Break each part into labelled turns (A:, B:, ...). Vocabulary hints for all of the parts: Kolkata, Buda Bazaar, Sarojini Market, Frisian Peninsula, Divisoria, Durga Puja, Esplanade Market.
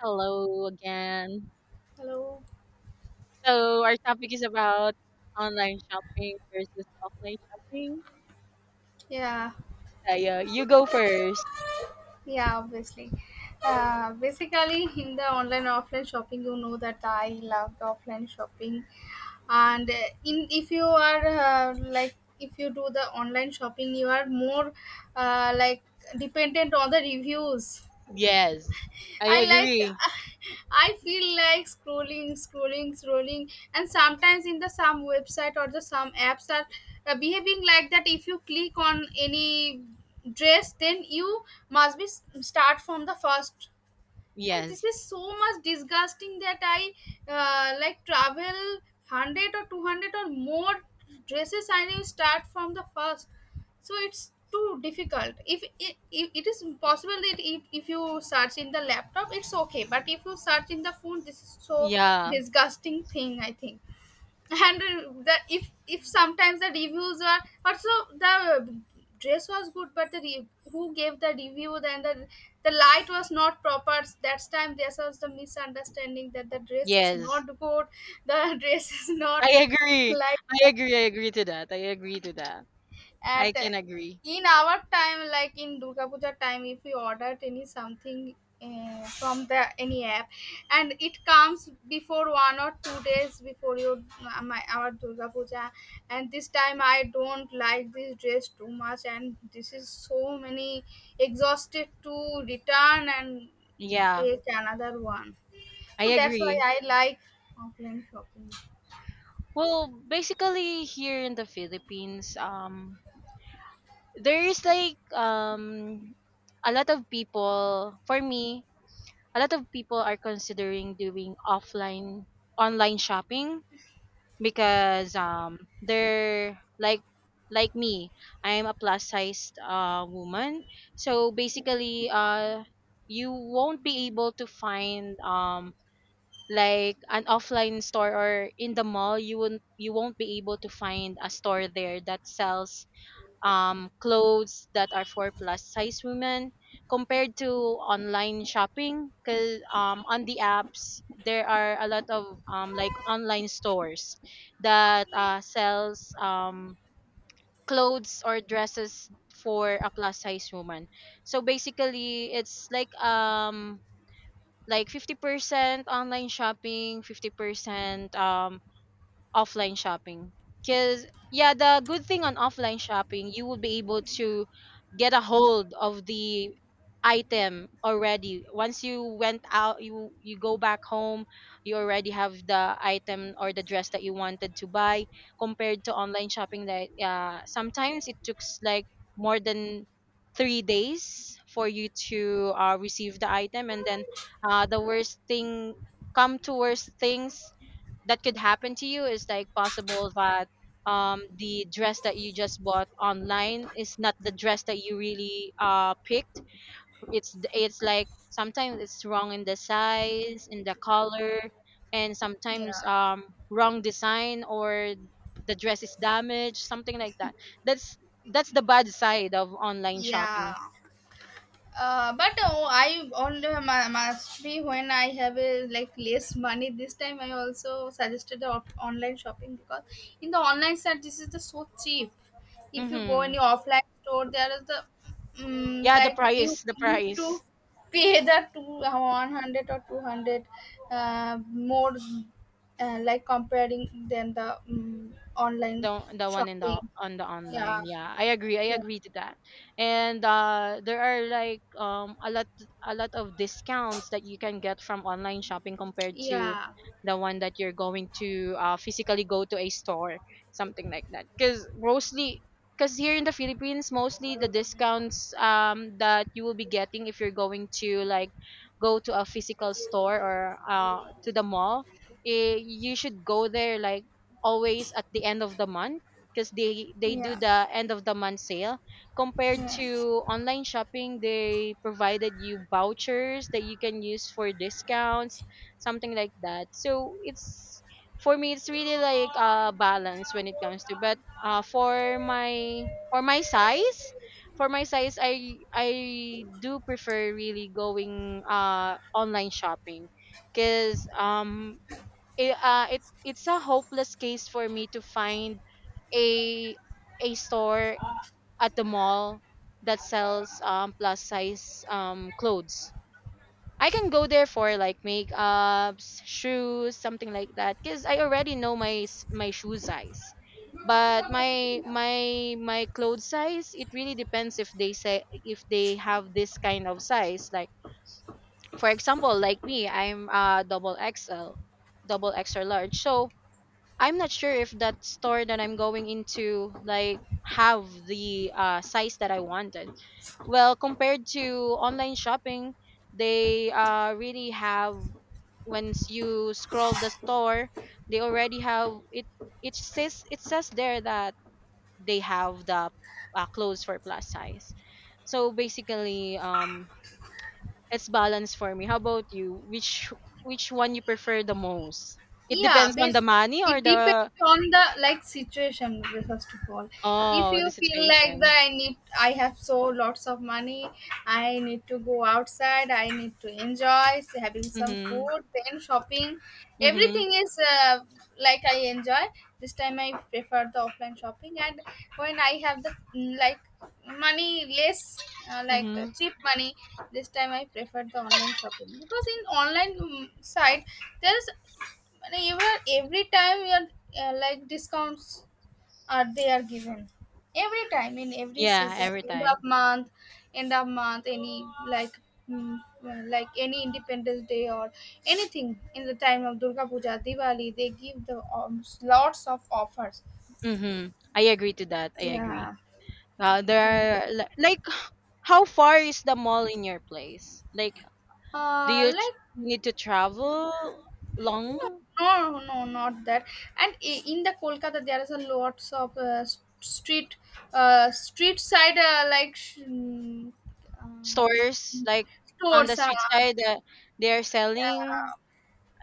A: Hello again.
B: Hello.
A: So our topic is about online shopping versus offline shopping.
B: Yeah,
A: Saya, you go first.
B: yeah, obviously. In the online offline shopping, you know that I loved offline shopping, and in if you are like, if you do the online shopping, you are more uh, like dependent on the reviews.
A: Yes, I
B: I like
A: agree.
B: I feel like scrolling, and sometimes in the some website or the some apps are behaving like that. If you click on any dress, then you must start from the first, and this
A: Yes.
B: is so much disgusting that I travel 100 or 200 or more dresses. I will start from the first, so it's too difficult. If it is possible that if you search in the laptop, it's okay, but if you search in the phone, this is so
A: Yeah.
B: disgusting thing, I think. And the if sometimes the reviews are also, the dress was good but the who gave the review, then the light was not proper. That's time there was the misunderstanding that the dress is
A: Yes.
B: not good, the dress is not
A: I agree.
B: light
A: I agree. I agree to that. I agree to that. I
B: at
A: can agree.
B: in our time, like in Durga Puja time, if we ordered any something from the any app, and it comes before 1 or 2 days before your my our Durga Puja, and this time I don't like this dress too much, and this is so many exhausted to return and
A: Yeah,
B: take another one.
A: I
B: So that's why
A: agree.
B: I like offline shopping.
A: Well, basically here in the Philippines, there is like a lot of people, for me, a lot of people are considering doing offline online shopping, because they're like me, I'm a plus sized woman. So basically you won't be able to find like an offline store, or in the mall you won't be able to find a store there that sells clothes that are for plus size women, compared to online shopping, because on the apps there are a lot of like online stores that sells clothes or dresses for a plus size woman. So basically it's like 50% online shopping, 50% offline shopping. Because yeah, the good thing on offline shopping, you will be able
B: Yeah.
A: to get a hold of the item already. Once you went out, you go back home, you already have the item or the dress that you wanted to buy, compared to online shopping, that sometimes it took like more than 3 days for you to receive the item. And then the worst thing come to worst things that could happen to you is, like, possible that the dress that you just bought online is not the dress that you really picked. It's like sometimes it's wrong in the size, in the color, and sometimes
B: Yeah.
A: wrong design, or the dress is damaged, something like that. that's that's the bad side of online shopping.
B: Yeah. I only must be when I have a, like, less money. This time I also suggested the online shopping because in the online side this is the so cheap. If you go in
A: Hmm.
B: the offline store, there is the
A: Yeah, the
B: like, you
A: price,
B: need to pay the two 100 or 200 more, like, comparing than the online
A: the one in
B: shopping.
A: the on the
B: Yeah,
A: online, yeah, I agree. I
B: yeah,
A: agree to that. And there are like a lot, a lot of discounts that you can get from online shopping, compared to
B: yeah,
A: the one that you're going to physically go to a store, something like that. Because mostly, because here in the Philippines, mostly the discounts that you will be getting, if you're going to like go to a physical store, or to the mall, you should go there like always at the end of the month, because they do
B: yeah,
A: the end of the month sale. Compared
B: yeah.
A: to online shopping, they provided you vouchers that you can use for discounts, something like that. So it's, for me, it's really like a balance when it comes to. But for my, for my size, for my size, I do prefer really going online shopping. Because it's a hopeless case for me to find a a store at the mall that sells plus size clothes. I can go there for like makeups, shoes, something like that, cuz I already know my shoe size. But my clothes size, it really depends if they say, if they have this kind of size. Like for example, like me, I'm double XL, double extra large. So I'm not sure if that store that I'm going into, like, have the size that I wanted. Well, compared to online shopping, they really have, once you scroll the store, they already have it. It says, it says there that they have the clothes for plus size. So basically, it's balanced for me. How about you? Which one you prefer the most? It
B: yeah
A: depends on the
B: bas-
A: money or
B: It depends
A: the.
B: on the, like, situation first of all. If
A: Oh,
B: you
A: the
B: feel like
A: situation.
B: that, I need, I have so lots of money, I need to go outside, I need to enjoy having some
A: Mhm.
B: food, then shopping,
A: Mhm.
B: everything is like, I enjoy, this time I prefer the offline shopping. And when I have the like, money less,
A: Mhm.
B: cheap money, this time I prefer the online shopping because in online side there's, and even every time you are like, discounts are, they are given every time in every
A: Yeah,
B: season,
A: every
B: end of
A: time.
B: month, end of month, any like, mm, any independence day or anything. In the time of Durga Puja, Diwali, they give the lots of offers.
A: Mhm. I agree to that. I
B: yeah,
A: agree.
B: yeah.
A: There are like how far is the mall in your place? Like, do
B: uh
A: you
B: like
A: need to travel long?
B: No, no, not that. And in the Kolkata, there is a lots of street side, um,
A: Stores like on the
B: stores.
A: street side that they are selling
B: Yeah,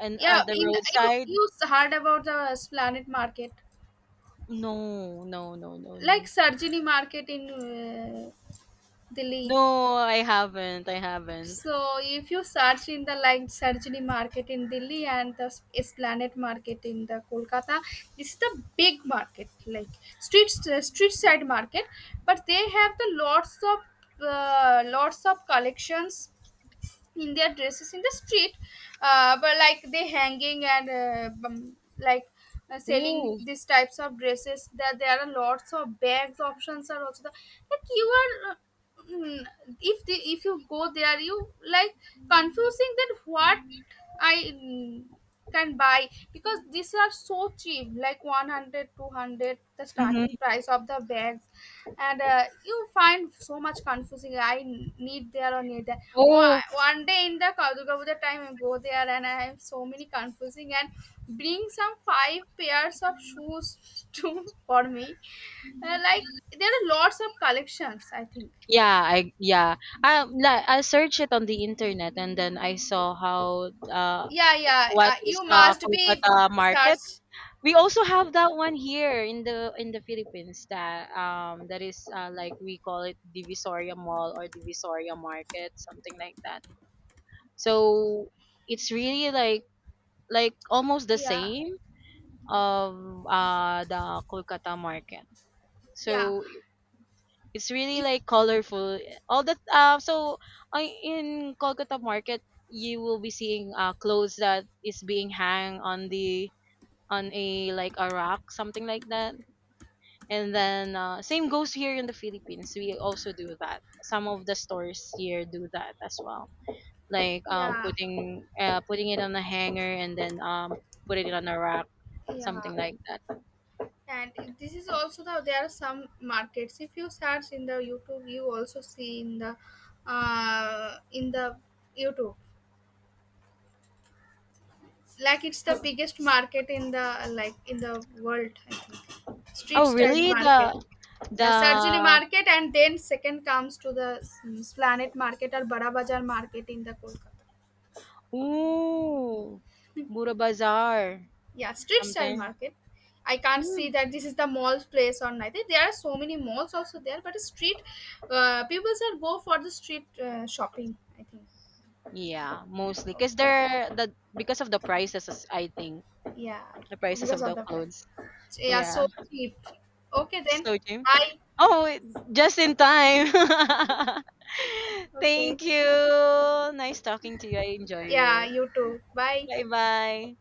A: and
B: yeah.
A: at the
B: In You,
A: roadside?
B: you heard about the Esplanade Market,
A: No, no, no, no,
B: like
A: no.
B: Sarojini Market in Delhi.
A: No, I haven't. I haven't.
B: So if you search in the, like, Sarojini Market in Delhi and the Esplanade Market in the Kolkata, this is the big market, like street side market, but they have the lots of collections in their dresses in the street. But like, they hanging and selling
A: Ooh.
B: these types of dresses. That there are lots of bags options are also there. Like, you are mm, if the, if you go there, you like confusing that what I can buy, because these are so cheap, like 100, 200, the
A: Mhm.
B: starting price of the bags. And you find so much confusing, I need there or need that one,
A: Oh.
B: one day in the Durga Puja time, I go there and I have so many confusing and bring some five pairs of shoes to for me. Like, there are lots of collections, I think.
A: Yeah, I, yeah, I like I searched it on the internet, and then I saw how
B: Yeah
A: what is
B: you must be
A: Kolkata market.
B: search.
A: We also have that one here in the, in the Philippines, that that is like, we call it Divisoria Mall or Divisoria Market, something like that. So it's really like almost the
B: Yeah
A: same of the Kolkata market.
B: yeah
A: So, it's really
B: if
A: like colorful. All that so in Kolkata market, you will be seeing clothes that is being hung on the, on a like a rack, something like that. And then same goes here in the Philippines. We also do that. Some of the stores here do that as well. Like
B: yeah
A: putting it on a hanger, and then put it on a rack,
B: yeah
A: something like that.
B: And this is also the, there are some markets, if you search in the YouTube, you also see in the uh, in the YouTube. Like, it's the biggest market in the, like, in the world, I think, street
A: Oh
B: style
A: really?
B: market. Yeah, surgery
A: The
B: market, and then second comes to the planet market or Bada Bazaar market in the Kolkata.
A: Ooh, Buda Bazaar,
B: Yeah, street style
A: something.
B: market. I can't see
A: Mm,
B: that this is the mall place or nothing. There are so many malls also there, but street, people should go for the street shopping, I think.
A: yeah, mostly because
B: Okay.
A: they're the because of the prices, as I think,
B: Yeah,
A: the prices
B: because
A: of
B: of
A: the
B: the price.
A: clothes.
B: Yeah,
A: Yeah,
B: so cheap. Okay then,
A: so Jim.
B: bye.
A: Oh, it- just in time.
B: Okay,
A: Thank you. Nice talking to you. I enjoy
B: yeah,
A: it.
B: you too. Bye.
A: Bye bye.